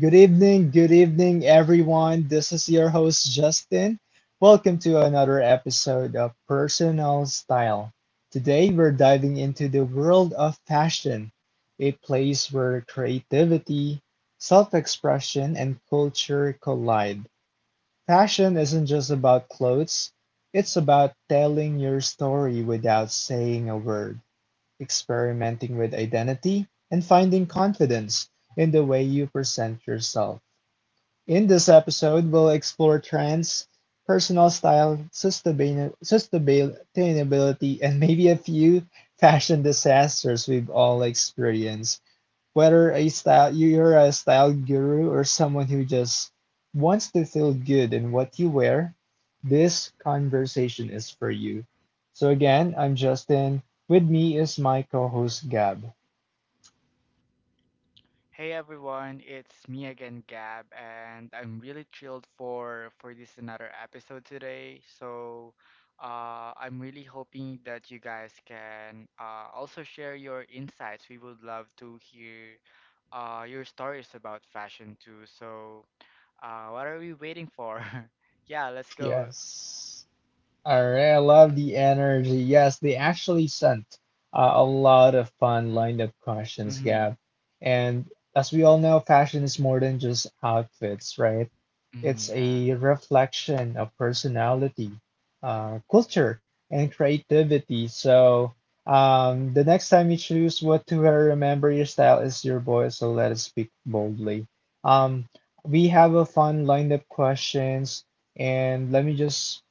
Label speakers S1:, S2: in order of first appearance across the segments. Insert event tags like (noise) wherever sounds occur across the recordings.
S1: Good evening, everyone. This is your host, Justin. Welcome to another episode of Personal Style. Today, we're diving into the world of fashion, a place where creativity, self expression, and culture collide. Fashion isn't just about clothes, it's about telling your story without saying a word, experimenting with identity, and finding confidence in the way you present yourself. In this episode, we'll explore trends, personal style, sustainability, and maybe a few fashion disasters we've all experienced. Whether a style you're a style guru or someone who just wants to feel good in what you wear, this conversation is for you. So again, I'm Justin. With me is my co-host Gab.
S2: Hey everyone, it's me again, Gab, and I'm really thrilled for this another episode today. So, I'm really hoping that you guys can also share your insights. We would love to hear your stories about fashion too. So, what are we waiting for? (laughs) Yeah, let's go.
S1: Yes. All right, I love the energy. Yes, they actually sent a lot of fun lined up questions,
S2: Mm-hmm.
S1: Gab. And as we all know, fashion is more than just outfits, right?
S2: Mm-hmm,
S1: It's
S2: yeah.
S1: a reflection of personality, culture, and creativity. So the next time you choose what to wear, remember your style is your voice, so let us speak boldly. Um, we have a fun lined up questions, and let me just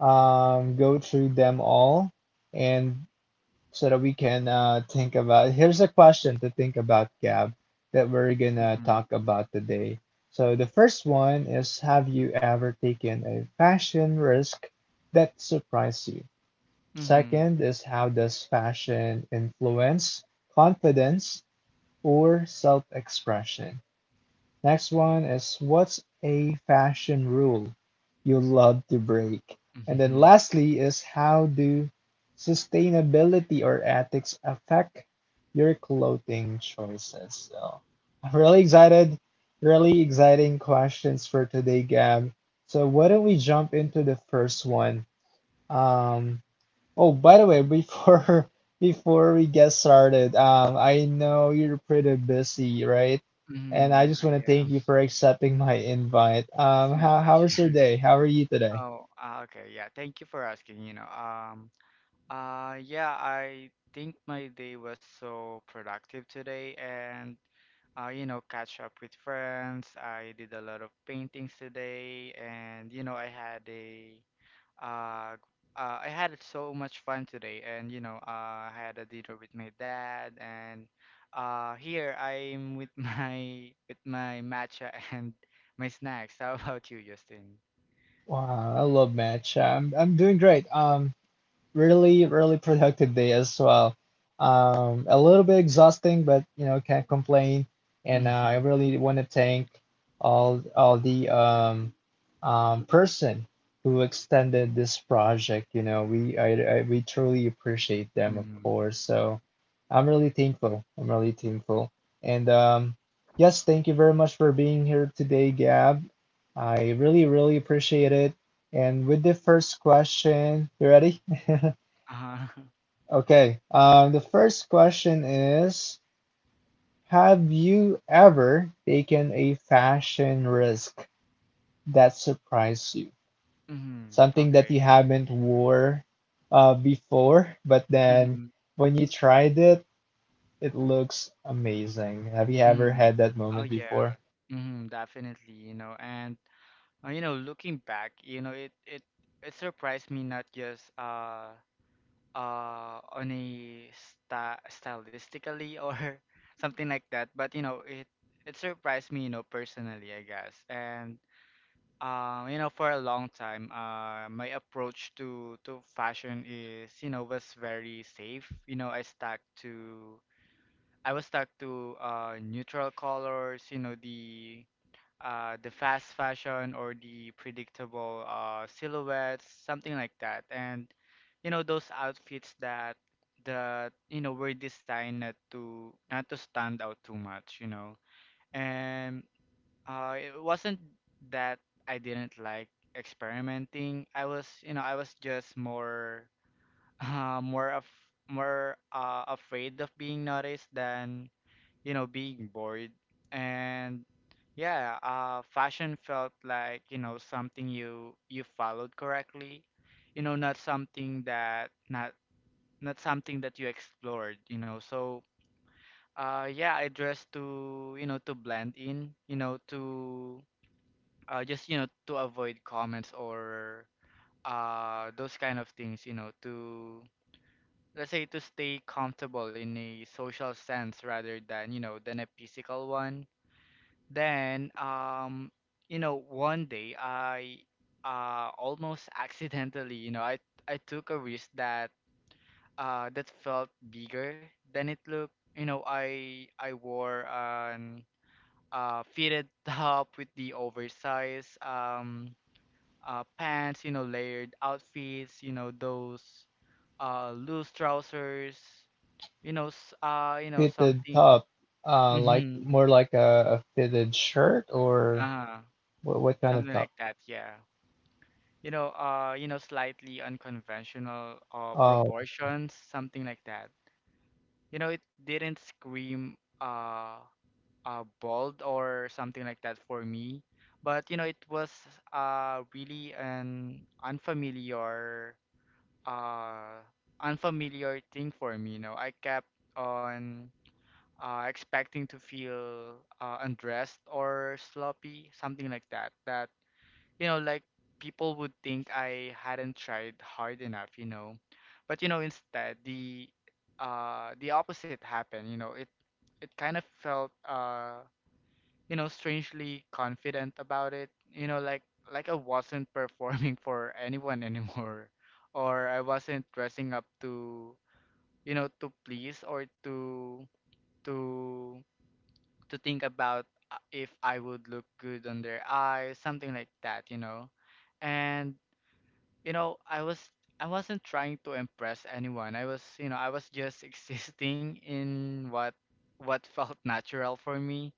S1: go through them all and so that we can think about. Here's a question to think about, Gab, that we're gonna
S2: Mm-hmm.
S1: talk about today. So the first one is, have you ever taken a fashion risk that surprised you?
S2: Mm-hmm.
S1: Second
S2: (laughs)
S1: is, how does fashion influence confidence or self expression? Next one is, what's a fashion rule you love to break? And then
S2: Mm-hmm.
S1: lastly is, how do sustainability or ethics affect your clothing choices? So (laughs) I'm really excited, really exciting questions for today, Gab. So why don't we jump into the first one? Um, Oh, by the way, before (laughs) before we get started, I know you're pretty busy, right? And I
S2: Mm-hmm.
S1: just want to
S2: I
S1: thank
S2: am.
S1: you for accepting my invite.
S2: (laughs) It's my
S1: How was your
S2: pleasure.
S1: day? How are you today?
S2: Oh, ah, okay. Yeah, thank you for asking, yeah, I think my day was so productive today and you know, catch up with friends. I did a lot of paintings today and you know, I had a uh, I had so much fun today and you know, I had a dinner with my dad and here I'm with (laughs) my with my matcha and my snacks. How about you, Justin?
S1: Wow, I love match. I'm doing great. Really, really productive day as well. A little bit exhausting, but you know, can't complain. And I
S2: (laughs)
S1: really want to thank all the person who extended this project. You know, we I we truly appreciate them, of
S2: Mm.
S1: course. So I'm really thankful. I'm really thankful. And yes, thank you very much for being here today, Gab. I really, really appreciate it. And with the first question, you ready? (laughs)
S2: Uh-huh. (laughs)
S1: Okay. The first question is, have you ever taken a fashion risk that surprised you?
S2: Mm-hmm.
S1: Something that
S2: Okay.
S1: you haven't wore before, but then
S2: Mm-hmm.
S1: when you tried it, it looks amazing. Have you ever
S2: Mm-hmm.
S1: had that
S2: Oh
S1: moment
S2: yeah.
S1: before?
S2: Mm-hmm. Definitely, you know, and you know, looking back, you know, it surprised me not just on a sta stylistically or (laughs) something like that, but you know, it surprised me, you know, personally, I guess. And You know, for a long time, my approach to fashion is, you know, was very safe. You know, to I was stuck to neutral colors, you know, the fast fashion or the predictable silhouettes, something like that. And you know, those outfits that you know were designed not to stand out too much, you know. And it wasn't that I didn't like experimenting. I was, you know, I was just more, (laughs) uh, more of, more afraid of being noticed than, you know, being bored. And yeah, fashion felt like, you know, something you followed correctly, you know, not not something that you explored, you know. So, yeah, I dressed to, you know, to blend in, you know, to just you know to avoid comments or those kind of things you know to let's say to stay comfortable in a social sense rather than you know than a physical one then. You know one day I almost (laughs) accidentally you know I took a risk that that felt bigger than it looked. You know, I wore an fitted (laughs) top with the oversized pants, you know, layered outfits, you know, those loose trousers, you know, you know,
S1: Fitted
S2: something,
S1: top, like
S2: mm-hmm,
S1: more like a fitted shirt or
S2: uh,
S1: what kind of
S2: something
S1: top?
S2: like that, yeah. You know, slightly unconventional
S1: Oh,
S2: proportions, something like that. You know, it didn't scream bold or something like that for me, but you know, it was really an unfamiliar uh unfamiliar thing for me, you know. I kept on expecting to feel undressed or sloppy, something like that. That you know, like people would think I hadn't tried hard enough, you know. But you know, instead the opposite happened, you know. It kind of felt you know, strangely confident about it. You know, like I wasn't (laughs) performing for anyone anymore, or I wasn't dressing up to you know to please or to to think about if I would look good on their eyes, something like that. You know, and you know I was. I wasn't trying to impress anyone. I was, you know, I was just (laughs) existing in what felt natural for me,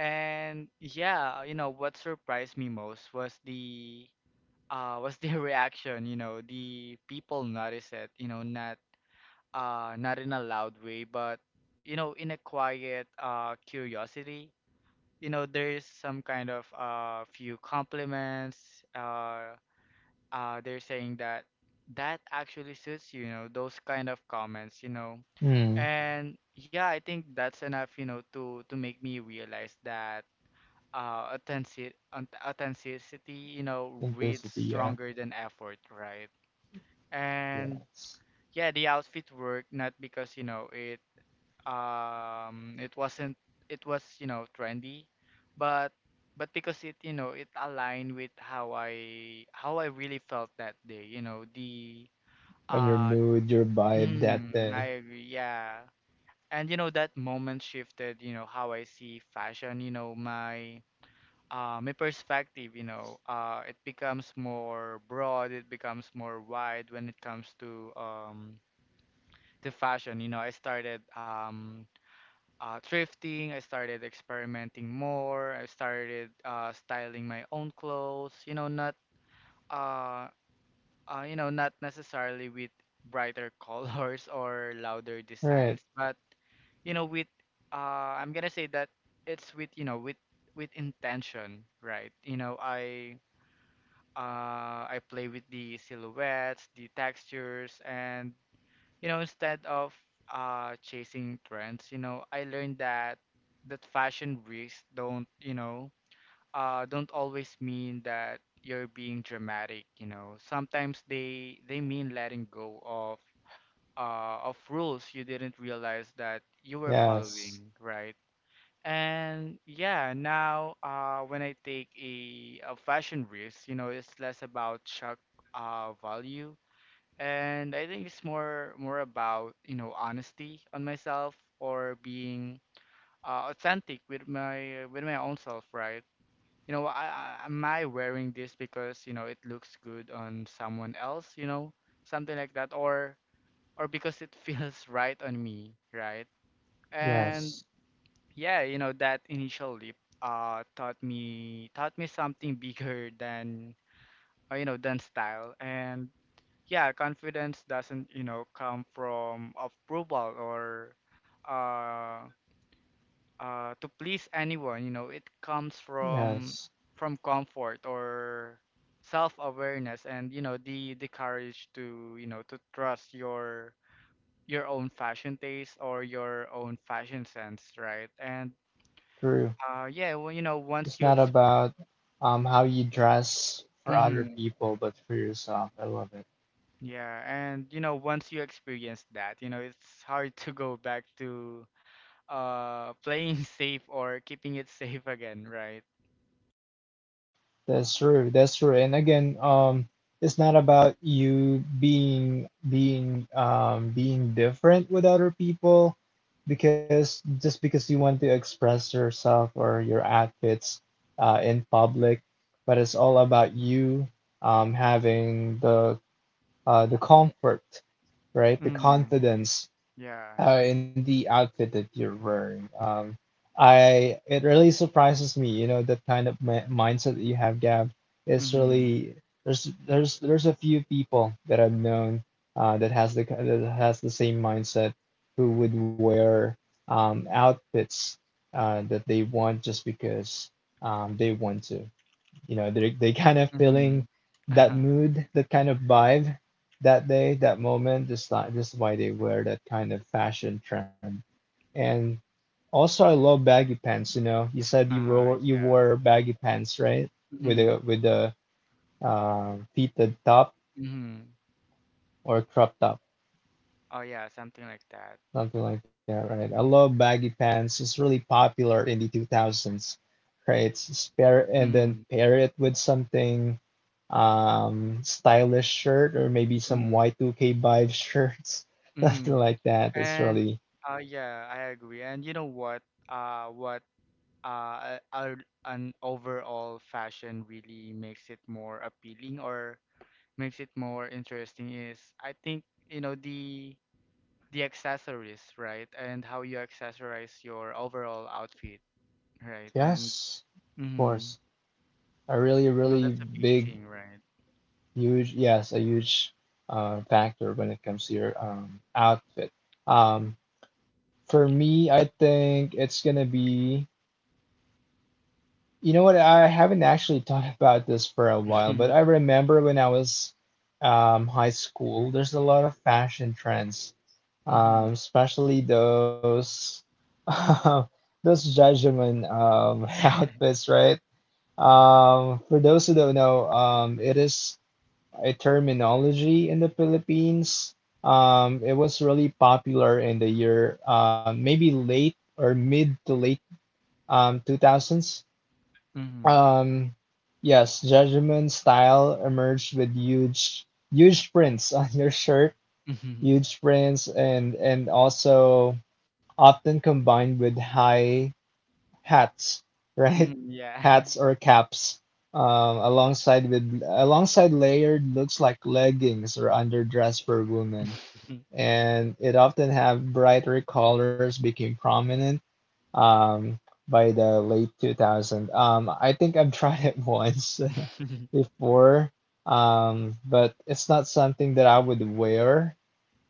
S2: and yeah, you know, what surprised me most was the (laughs) reaction, you know, the people noticed it, you know, not in a loud way, but you know, in a quiet curiosity. You know, there's some kind of few compliments. They're saying that actually suits you, you know, those kind of comments, you know.
S1: hmm,
S2: And yeah, I think that's enough, you know, to make me realize that uh authenticity authenticity you know reads
S1: simplicity, yeah,
S2: stronger than effort, right? And
S1: yes.
S2: yeah, the outfit worked not because you know it it wasn't it was you know trendy, but but because it you know it aligned with how I really felt that day. You know the
S1: On your
S2: uh
S1: mood, your vibe that
S2: mm,
S1: day.
S2: I agree, yeah. And you know that moment shifted you know how I see fashion, you know, my perspective, you know, it becomes more broad, it becomes more wide when it comes to fashion. You know, I started thrifting, I started experimenting more, I started styling my own clothes. Uh, you know, not necessarily with brighter (laughs) colors or louder designs,
S1: Right.
S2: but you know, with I'm gonna say that it's with you know with intention, right? You know, I play with the silhouettes, the textures, and you know, instead of chasing trends, you know, I learned that fashion risks don't, you know, don't always mean that you're being dramatic. You know, sometimes they mean letting go of rules you didn't realize that you were
S1: Yes.
S2: following, right? And yeah, now when I take a fashion risk, you know, it's less about shock value, and I think it's more about you know honesty on myself or being authentic with my own self, right? You know, am I wearing this because you know it looks good on someone else, you know, something like that, or because it (laughs) feels right on me, right?
S1: Yes.
S2: And yeah, you know, that initial leap taught me something (laughs) bigger than you know, than style. And yeah, confidence doesn't, you know, come from approval or uh to please anyone, you know, it comes
S1: Yes.
S2: from comfort or self-awareness, and you know the courage to you know to trust your own fashion taste or your own fashion sense, right? And
S1: True.
S2: Yeah, well, you know, once
S1: It's
S2: you
S1: not
S2: ex—
S1: about how you dress for other
S2: Mhm.
S1: people, but for yourself. I love it.
S2: Yeah, and you know, once you experience that, you know, it's hard to go back to playing (laughs) safe or keeping it safe again, right?
S1: That's true. That's true. And again, it's not about you being different with other people because just because you want to express yourself or your outfits in public, but it's all about you having the comfort, right? The
S2: Mm.
S1: confidence
S2: Yeah.
S1: in the outfit that you're wearing. I it really surprises me, you know, that kind of mi mindset that you have, Gab. It's
S2: Mhm.
S1: really there's a few people that I've known that has that has the same mindset who would wear outfits that they want just because they want to, you know, they kind of
S2: Mhm.
S1: feeling
S2: (laughs)
S1: that
S2: Uh-huh.
S1: mood, that kind of vibe that day, that moment, just not just why they wear that kind of fashion trend. And also, I love baggy pants. You know, you said you
S2: Uh-huh.
S1: wore you
S2: Yeah.
S1: wore baggy pants, right? With
S2: Mhm.
S1: a with a fitted top
S2: Mhm.
S1: or crop top.
S2: Oh yeah, something like that.
S1: Something like that, right? I love baggy pants. It's really popular in the 2000s, right? It's pair and
S2: Mhm.
S1: then pair it with something stylish shirt, or maybe some
S2: Mhm.
S1: Y2K vibe shirts, (laughs) something
S2: Mhm.
S1: like that. It's
S2: And
S1: really
S2: yeah, I agree. And you know what? Uh, what uh, a, an overall fashion really makes it more appealing or makes it more interesting is, I think, you know the accessories, right? And how you accessorize your overall outfit, right? And
S1: yes, of
S2: mm-hmm,
S1: course. A really,
S2: you know
S1: really
S2: that's a big
S1: big,
S2: thing, right?
S1: huge, yes, a huge factor when it comes to your outfit. Um, for me, I think it's gonna be, you know what? I haven't actually thought (laughs) about this for a while, but I
S2: (laughs)
S1: remember when I was high school, there's a lot of fashion trends,
S2: Mm-hmm.
S1: especially those (laughs) those judgment (laughs)
S2: (laughs)
S1: outfits, right? For those who don't know, it is a terminology in the Philippines. It was really popular in the year, maybe late or mid to late 2000s.
S2: Mm-hmm.
S1: Um, yes, judgment style emerged with huge, huge prints (laughs) on your shirt,
S2: Mm-hmm.
S1: huge prints, and also often combined with high hats, (laughs) right?
S2: Mm-hmm. Yeah.
S1: Hats or caps, um, alongside layered looks like leggings or underdress for women,
S2: (laughs)
S1: and it often have brighter colors became prominent um, by the late 2000s. I think I've tried it (laughs) once (laughs) before, but it's not something that I would wear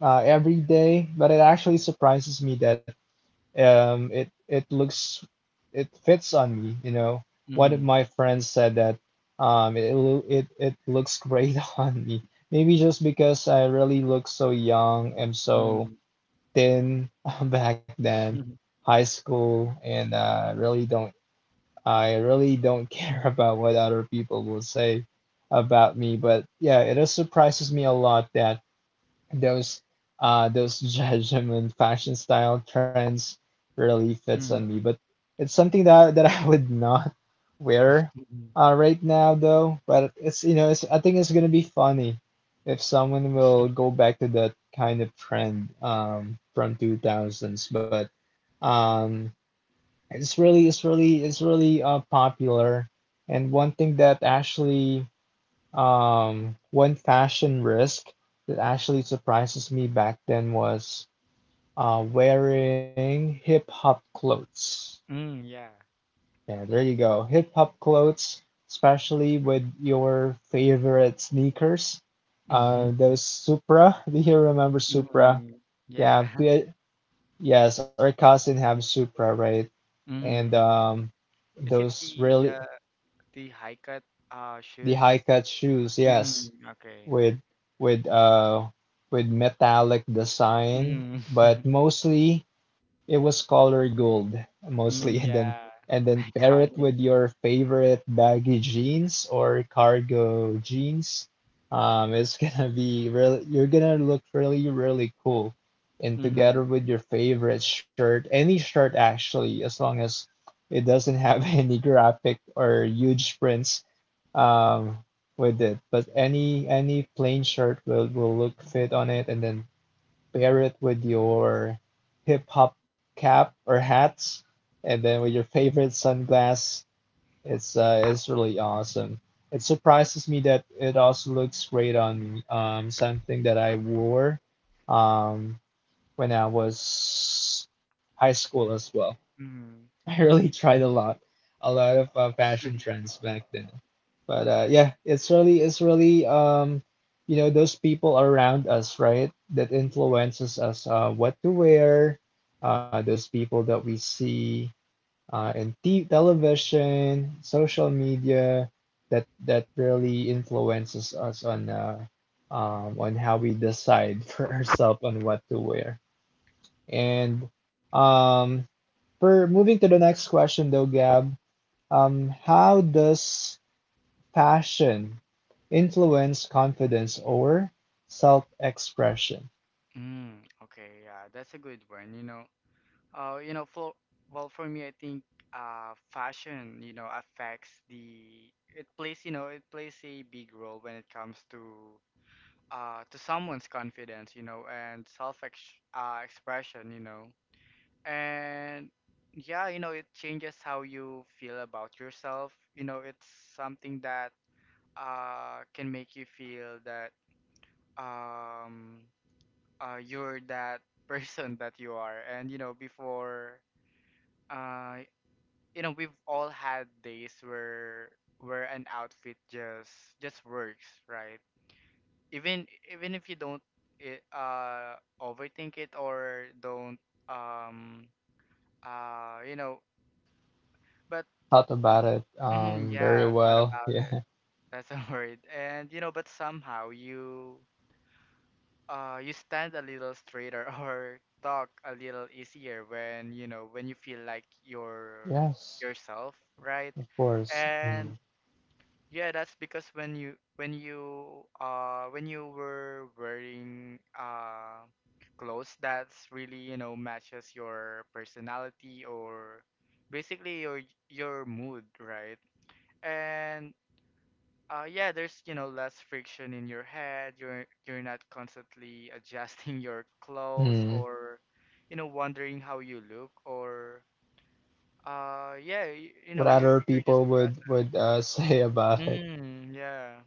S1: every day. But it actually surprises me that it looks, it fits on me. You know, one of
S2: Mm-hmm.
S1: my friends said that it it looks great (laughs) on me. Maybe just because I really look so young and so
S2: Mm-hmm.
S1: thin (laughs) back then,
S2: Mm-hmm. (laughs)
S1: high school, and really don't I really don't (laughs) care about what other people will say about me. But yeah, it just surprises me a lot that those those (laughs) judgment fashion style trends really fits on me, but
S2: Mm-hmm.
S1: it's something that I would not wear
S2: Mm
S1: right now though. But it's, you know, it's, I think it's gonna be funny if someone will go back to that kind of trend from 2000s. But um it's really, it's really popular. And one thing that actually, one fashion risk that actually surprises me back then was wearing hip hop clothes.
S2: yeah.
S1: Yeah, there you go. Hip hop clothes, especially with your favorite sneakers.
S2: (laughs)
S1: Those Supra. (laughs) Do you remember Supra?
S2: Mm, yeah.
S1: Yeah,
S2: (laughs)
S1: good. Yes, our cousin have Supra, right? And
S2: Mhm. Is it
S1: those
S2: the
S1: really
S2: the high cut
S1: the high
S2: shoes?
S1: cut shoes. Yes,
S2: Mhm. Okay.
S1: with with uh with metallic design,
S2: Mhm.
S1: but
S2: (laughs)
S1: mostly it was color gold mostly (laughs)
S2: Mm, yeah.
S1: and then pair it
S2: Iconic.
S1: with your favorite baggy jeans or cargo jeans. It's (laughs) gonna be really, you're gonna look really really cool, and together
S2: Mhm.
S1: with your favorite shirt, any shirt actually, as long as it doesn't have (laughs) any graphic or huge prints um, with it. But any plain shirt will look fit on it, and then pair it with your hip hop cap or hat, and then with your favorite sunglass. It's really awesome. It surprises me that it also looks great on me. Something that I wore um, when I was high school as well.
S2: Mm-hmm.
S1: (laughs) I really tried a lot of fashion trends back then. But yeah, it's really, you know, those people around us, right, that influences us, what to wear, those people that we see in t television, social media, that that really influences us on how we decide (laughs) for ourselves on what to wear. And um, for moving to the next question though, Gab, how does passion influence confidence or self-expression?
S2: Mm, okay, yeah, that's a good one, you know. You know, for well, for me, I think fashion, you know, affects the it plays, you know, it plays a big role when it comes to someone's confidence, you know, and self ex expression, you know. And yeah you know it changes how you feel about yourself, you know it's something that can make you feel that um you're that (laughs) person that you are. And you know before uh you know we've all had days where an outfit just works right, even even if you don't it, uh overthink it or don't um you know but
S1: Thought about it
S2: hmm,
S1: very
S2: yeah, thought
S1: well. (laughs)
S2: about it.
S1: Yeah.
S2: That's (laughs) a word. And you know, but somehow you you stand a little straighter (laughs) or talk a little easier when you know when you feel like you're
S1: Yes,
S2: yourself, right?
S1: of course. Mm.
S2: And yeah, that's because when you were wearing clothes that's really, you know, matches your personality or basically your mood, right? And yeah, there's you know less friction in your head. You're not constantly adjusting (laughs) your clothes
S1: Mm.
S2: or, you know, wondering how you look or yeah you
S1: What
S2: know
S1: other
S2: you're just
S1: people
S2: present.
S1: would (laughs) say about it?
S2: Mm, yeah,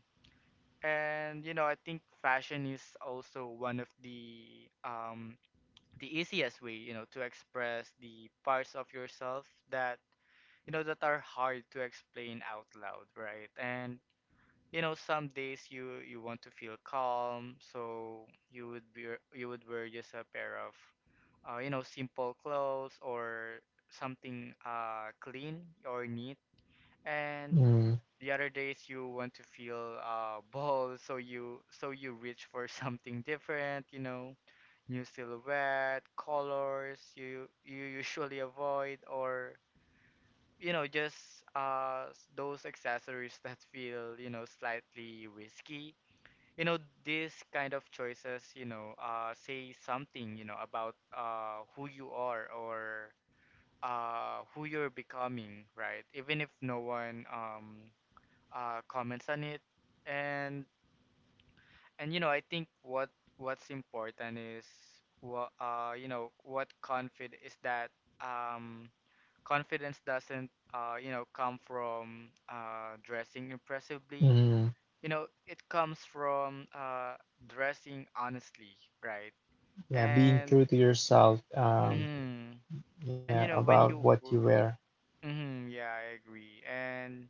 S2: and you know I think fashion is also one of the easiest way you know to express the parts of yourself that you know that are hard to explain out loud, right? And some days you want to feel calm, so you would be, you would wear just a pair of simple clothes or something clean or neat. And
S1: Mm.
S2: the other days you want to feel (laughs) bold, so you reach for (laughs) something different, new silhouette colors you usually avoid, or those accessories (laughs) that feel, slightly risky. These kind of choices, say something, about who you are, or who you're becoming, right? Even if no one comments on it. And and I think what, what's important is what, you know, what confid is that um, confidence doesn't, come from dressing impressively.
S1: Mm.
S2: It comes from dressing honestly, right?
S1: Yeah, being
S2: And
S1: true to yourself.
S2: mm,
S1: Yeah,
S2: when
S1: about
S2: you,
S1: what you wear.
S2: yeah, I agree. And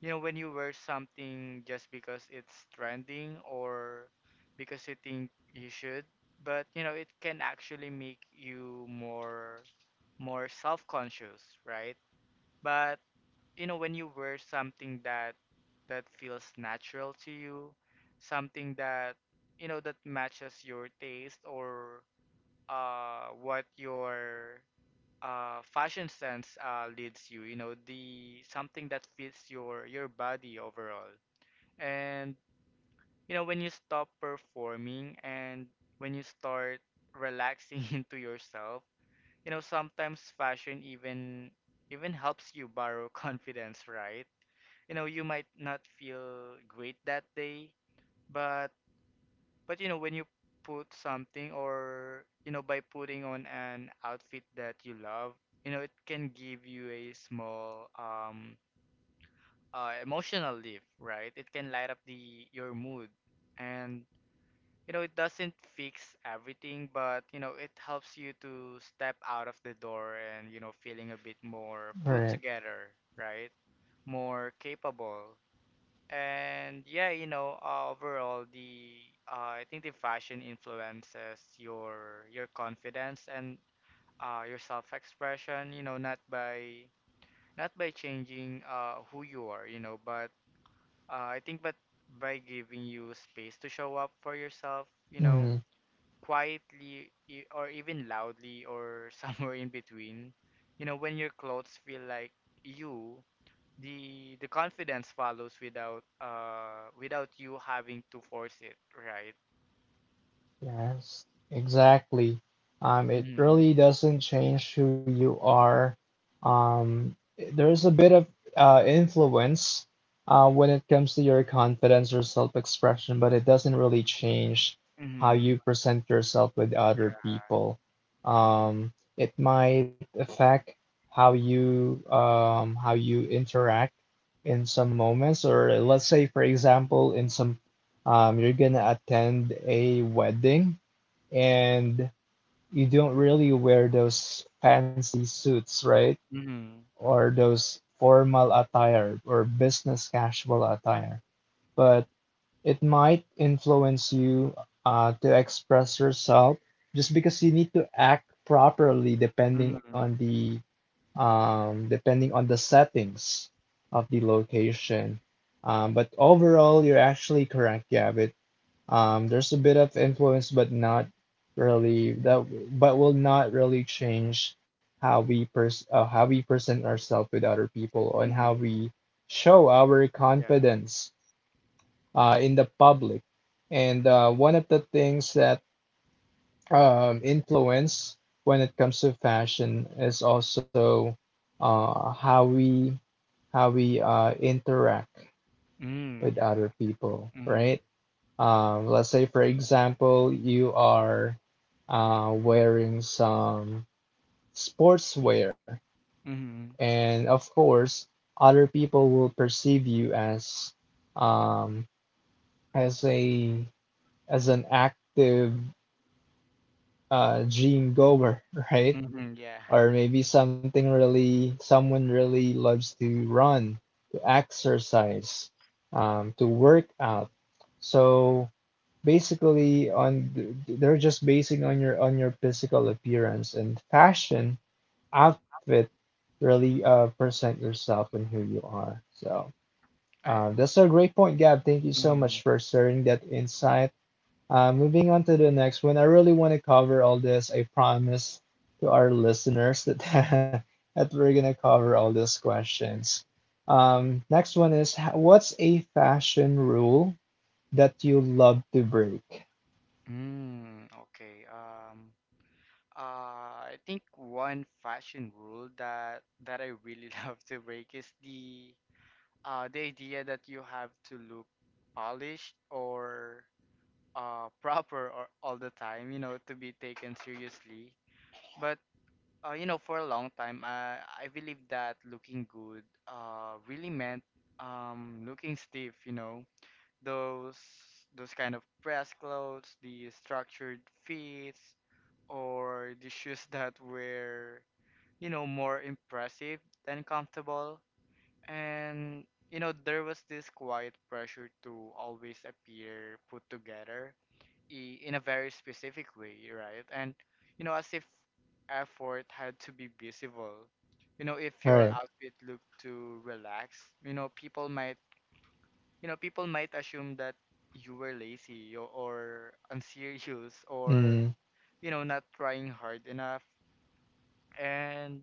S2: when you wear something just because it's trending, or because you think you should, but it can actually make you more self-conscious, right? But when you wear something that, that feels natural to you, something that, that matches your taste, or what your fashion sense leads you, you know the something that fits your body overall. And when you stop performing and when you start relaxing (laughs) into yourself, sometimes fashion even, even helps you borrow (laughs) confidence, right? You might not feel great that day, but but when you put something, or by putting on an outfit that you love, it can give you a small emotional lift, right? It can light up the your mood. And it doesn't fix everything, but it helps you to step out of the door and, feeling a bit more put
S1: Right.
S2: together, right? More capable. And yeah, overall, the, I think the fashion influences your confidence and your self-expression. Not by, not by changing who you are. But, I think but by giving you space to show up for yourself. Quietly or even loudly, or (laughs) somewhere in between. When your clothes feel like you, the confidence follows without, without you having to force it, right?
S1: Yes, exactly. It
S2: Mm-hmm.
S1: really doesn't change who you are. Um, there's a bit of influence when it comes to your confidence or self-expression, but it doesn't really change how
S2: Mm-hmm.
S1: you present yourself with other
S2: Yeah.
S1: people. It might affect how you interact in some moments, or let's say, for example, in some you're gonna attend a wedding, and you don't really wear those fancy suits, right?
S2: Mm-hmm.
S1: Or those formal attire or business casual attire. But it might influence you to express yourself just because you need to act properly
S2: Mm-hmm.
S1: depending on the settings of the location. But overall, you're actually correct, Gavit. There's a bit of influence, but not really that, but will not really change how we present ourselves with other people, and how
S2: Mm-hmm.
S1: we show our
S2: Yeah.
S1: confidence in the public. And one of the things that influence when it comes to fashion is also uh, how we how we interact with
S2: Mm,
S1: other
S2: yeah.
S1: people, right?
S2: Mm-hmm.
S1: Let's say, for example, you are wearing some sportswear,
S2: Mm-hmm.
S1: and of course, other people will perceive you um, as a as an active gym goer, (laughs) right?
S2: Mm-hmm. Yeah.
S1: Or maybe something really someone really loves to run, to exercise, to work out. So basically on they're just basing on your physical appearance and fashion outfit really present yourself and who you are. So
S2: (laughs) I agree.
S1: that's a great point, Gab. Thank you so
S2: Mm-hmm.
S1: much for sharing that insight. Moving on to the next one, I really want to cover all this. I promise to our listeners that (laughs) that we're going to cover all these questions. Next one is what's a fashion rule that you love to break?
S2: Mm, okay. I think one fashion rule that I really (laughs) love to break is the idea that you have to look polished, or proper, or all the time, to be taken seriously. But for a long time, I believe that looking good really meant looking stiff. Those those kind of press clothes, the structured fits, or the shoes that were, more impressive than comfortable. And there was this quiet pressure to always appear put together in a very specific way, right? And as if effort had to be visible. If
S1: All
S2: your
S1: right.
S2: outfit looked too relaxed, people might, people might assume that you were lazy, or unserious, or
S1: Mm,
S2: not trying hard enough. And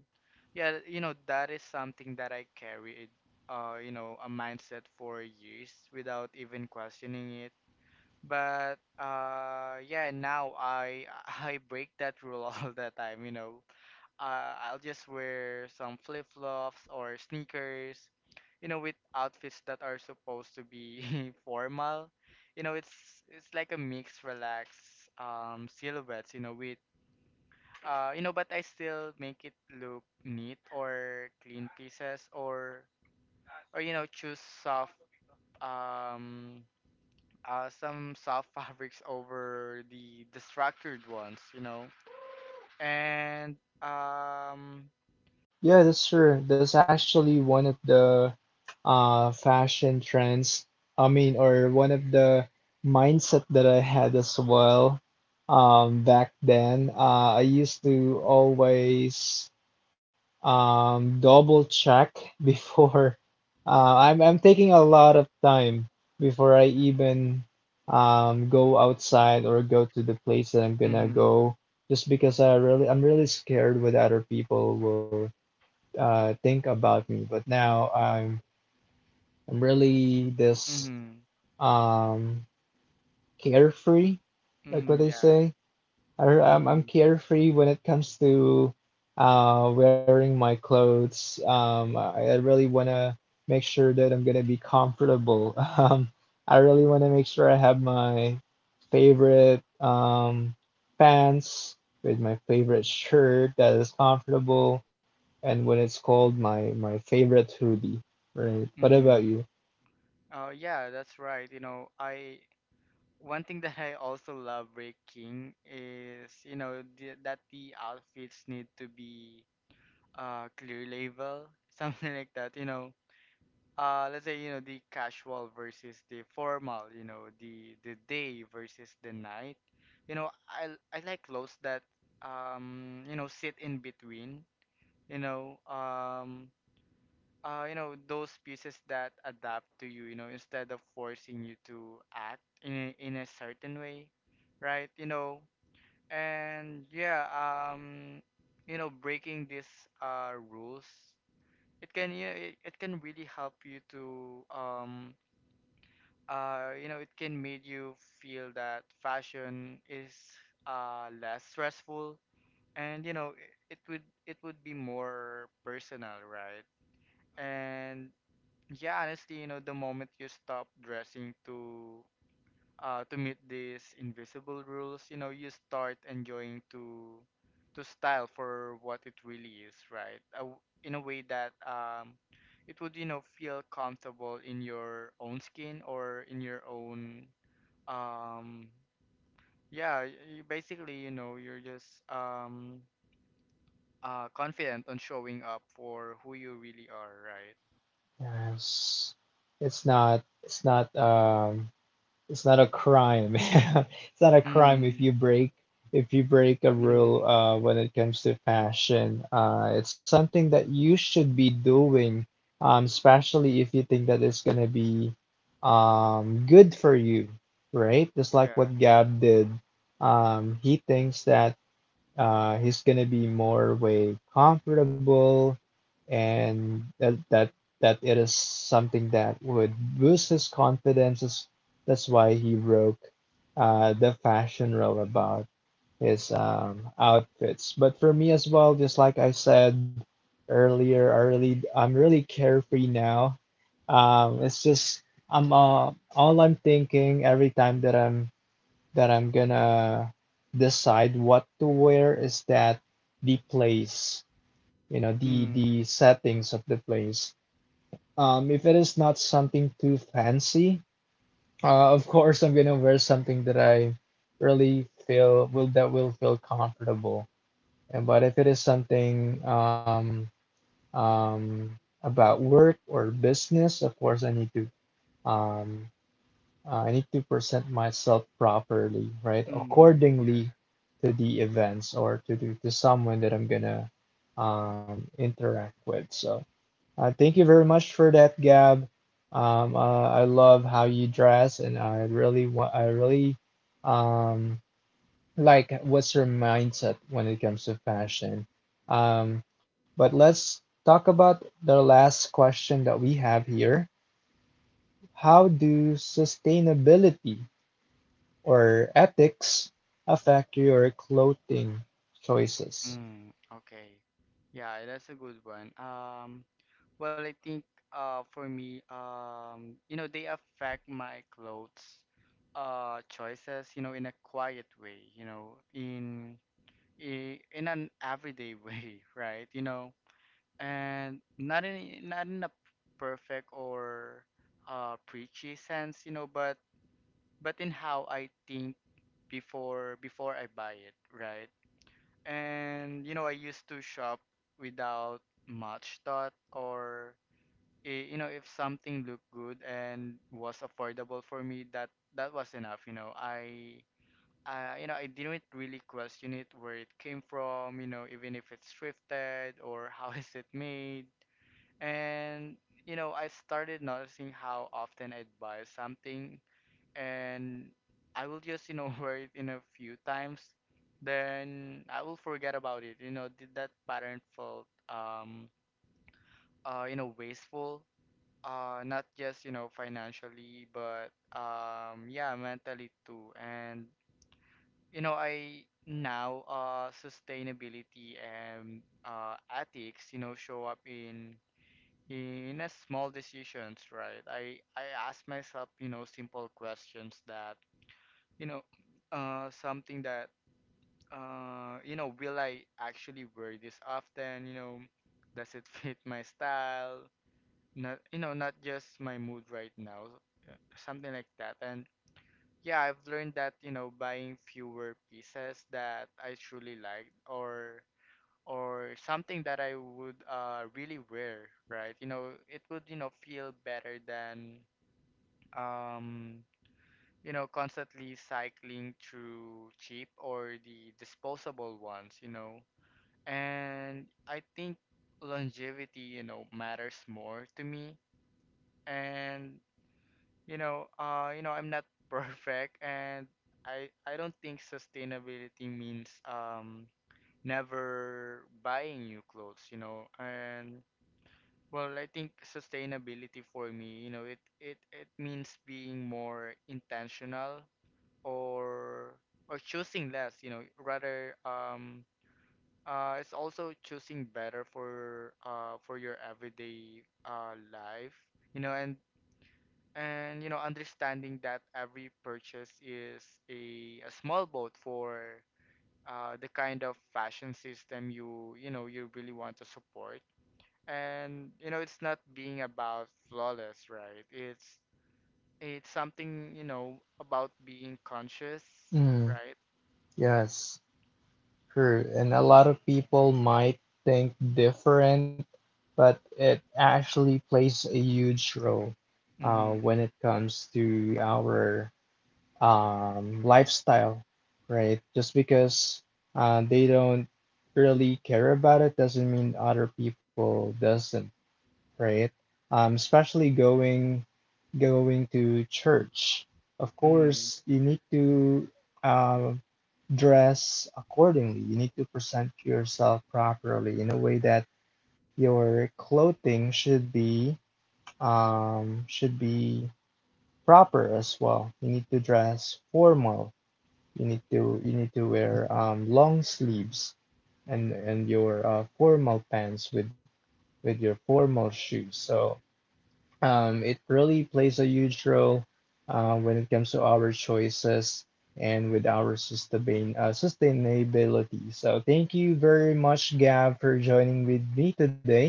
S2: yeah, that is something that I carried, a mindset for years without even questioning it. But yeah, now I (laughs) I break that rule (laughs) all the time, I'll just wear some flip-flops or sneakers, with outfits that are supposed to be (laughs) formal. It's like a mix, relaxed silhouettes, with but I still make it look neat, or clean pieces, or choose soft um some soft (laughs) fabrics over the structured ones, And um,
S1: yeah, that's true. That's actually one of the fashion trends. I mean, or one of the mindset that I had as well. Back then, I used to always double check (laughs) before. I'm taking a lot of time before I even go outside or go to the place that I'm gonna
S2: mhm,
S1: go, just because I'm really scared what other people will think about me. But now I'm really this
S2: mhm,
S1: um carefree, like what
S2: mhm,
S1: they
S2: yeah,
S1: say. I'm
S2: mhm,
S1: carefree when it comes to wearing my clothes. I really want to make sure that I'm gonna be comfortable. (laughs) I really want to make sure I have my favorite pants with my favorite shirt that is comfortable, and when it's cold, my favorite hoodie. Right. What about
S2: mhm.
S1: you?
S2: Oh yeah, that's right. I, one thing that I also love breaking is that the outfits need to be clear label, (laughs) something like that. Let's say the casual versus the formal, the day versus the night, you know i I like clothes that sit in between, you know um those pieces that adapt to you, you know instead of forcing you to act in a certain way, right? And yeah, um breaking these rules, it can, yeah, it can really help you to it can make you feel that fashion is less stressful, and it would, it would be more personal, right? And yeah, honestly, the moment you stop dressing to meet these invisible rules, you start enjoying to style for what it really is, right? In a way that it would, feel comfortable in your own skin, or in your own um yeah, you basically you're just confident on showing up for who you really are, right?
S1: Yes. It's not. It's not. Um, it's not a crime. (laughs) It's not a crime if
S2: Mm,
S1: you break a
S2: mm,
S1: rule when it comes to fashion. It's something that you should be doing, especially if you think that it's gonna be good for you, right? Just like
S2: yeah.
S1: what Gab did. He thinks that he's gonna be more way comfortable, and that it is something that would boost his confidence. Is that's why he broke the fashion rule about his outfits. But for me as well, just like I said earlier, I'm really carefree now. It's just I'm all I'm thinking every time that I'm gonna decide what to wear is that the place, you know, the
S2: Mm,
S1: the settings of the place. If it is not something too fancy, of course I'm gonna wear something that I really feel will that will feel comfortable. And but if it is something um about work or business, of course um I need to present myself properly, right?
S2: mm, yeah.
S1: Accordingly to the events or to to someone that I'm gonna interact with. So thank you very much for that, Gab. I love how you dress, and I really um, like what's your mindset when it comes to fashion. Um, but let's talk about the last question that we have here. How do sustainability or ethics affect your clothing choices?
S2: Mm, okay. Yeah, that's a good one. Well I think, for me, they affect my clothes choices, in a quiet way, in an everyday (laughs) way, right? And not in, not in a perfect, or preachy sense, but in how I think before, before I buy it, right? And I used to shop without much thought. If something looked good and was affordable for me, that, that was enough, I didn't really question it, where it came from, even if it's thrifted, or (laughs) how is it made. And I started noticing how often I'd buy something, and I will just, (laughs) wear it in a few times, then I will forget about it. Did that pattern felt wasteful? Uh, not just, financially, but yeah, mentally too. And I now sustainability and ethics, show up in a small decisions, right? I ask myself, simple questions that, you know, something that, will I actually wear this often? Does it (laughs) fit my style? Not, not just my mood right now, something like that. And yeah, I've learned that, buying fewer pieces that I truly like, or something that I would really wear, right? It would, feel better than um constantly cycling through cheap, or the disposable ones, And I think longevity, matters more to me. And I'm not (laughs) perfect, and I don't think sustainability means never buying new clothes, And Well, I think sustainability for me, it means being more intentional, or or choosing less, you know, rather it's also choosing better for your everyday life, you know, and and understanding that every purchase is a small boat for the kind of fashion system you really want to support. And it's not being about flawless, right? It's something, about being conscious,
S1: Mm,
S2: right?
S1: yes, true. And a lot of people might think different, but it actually plays a huge role
S2: Mm-hmm.
S1: when it comes to our lifestyle, right? Just because they don't really care about it doesn't mean other people doesn't. Right? Especially going to church. Of course, you need to uh, dress accordingly. You need to present yourself properly in a way that your clothing should be um, should be proper as well. You need to dress formal. You need to wear long sleeves and your formal pants with your formal shoes. So it really plays a huge role when it comes to our choices and with our sustainability. So, thank you very much, Gab, for joining with me today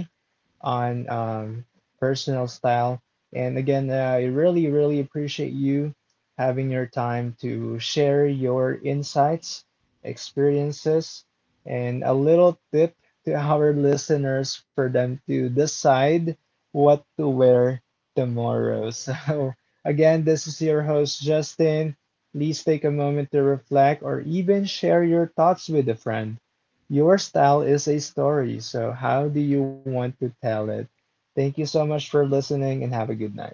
S1: on personal style. And again, I really, really appreciate you having your time to share your insights, experiences, and a little tip to our listeners for them to decide what to wear tomorrow. (laughs) So, again, this is your host, Justin. Please take a moment to reflect or even share your thoughts with a friend. Your style is a story, so how do you want to tell it? Thank you so much for listening and have a good night.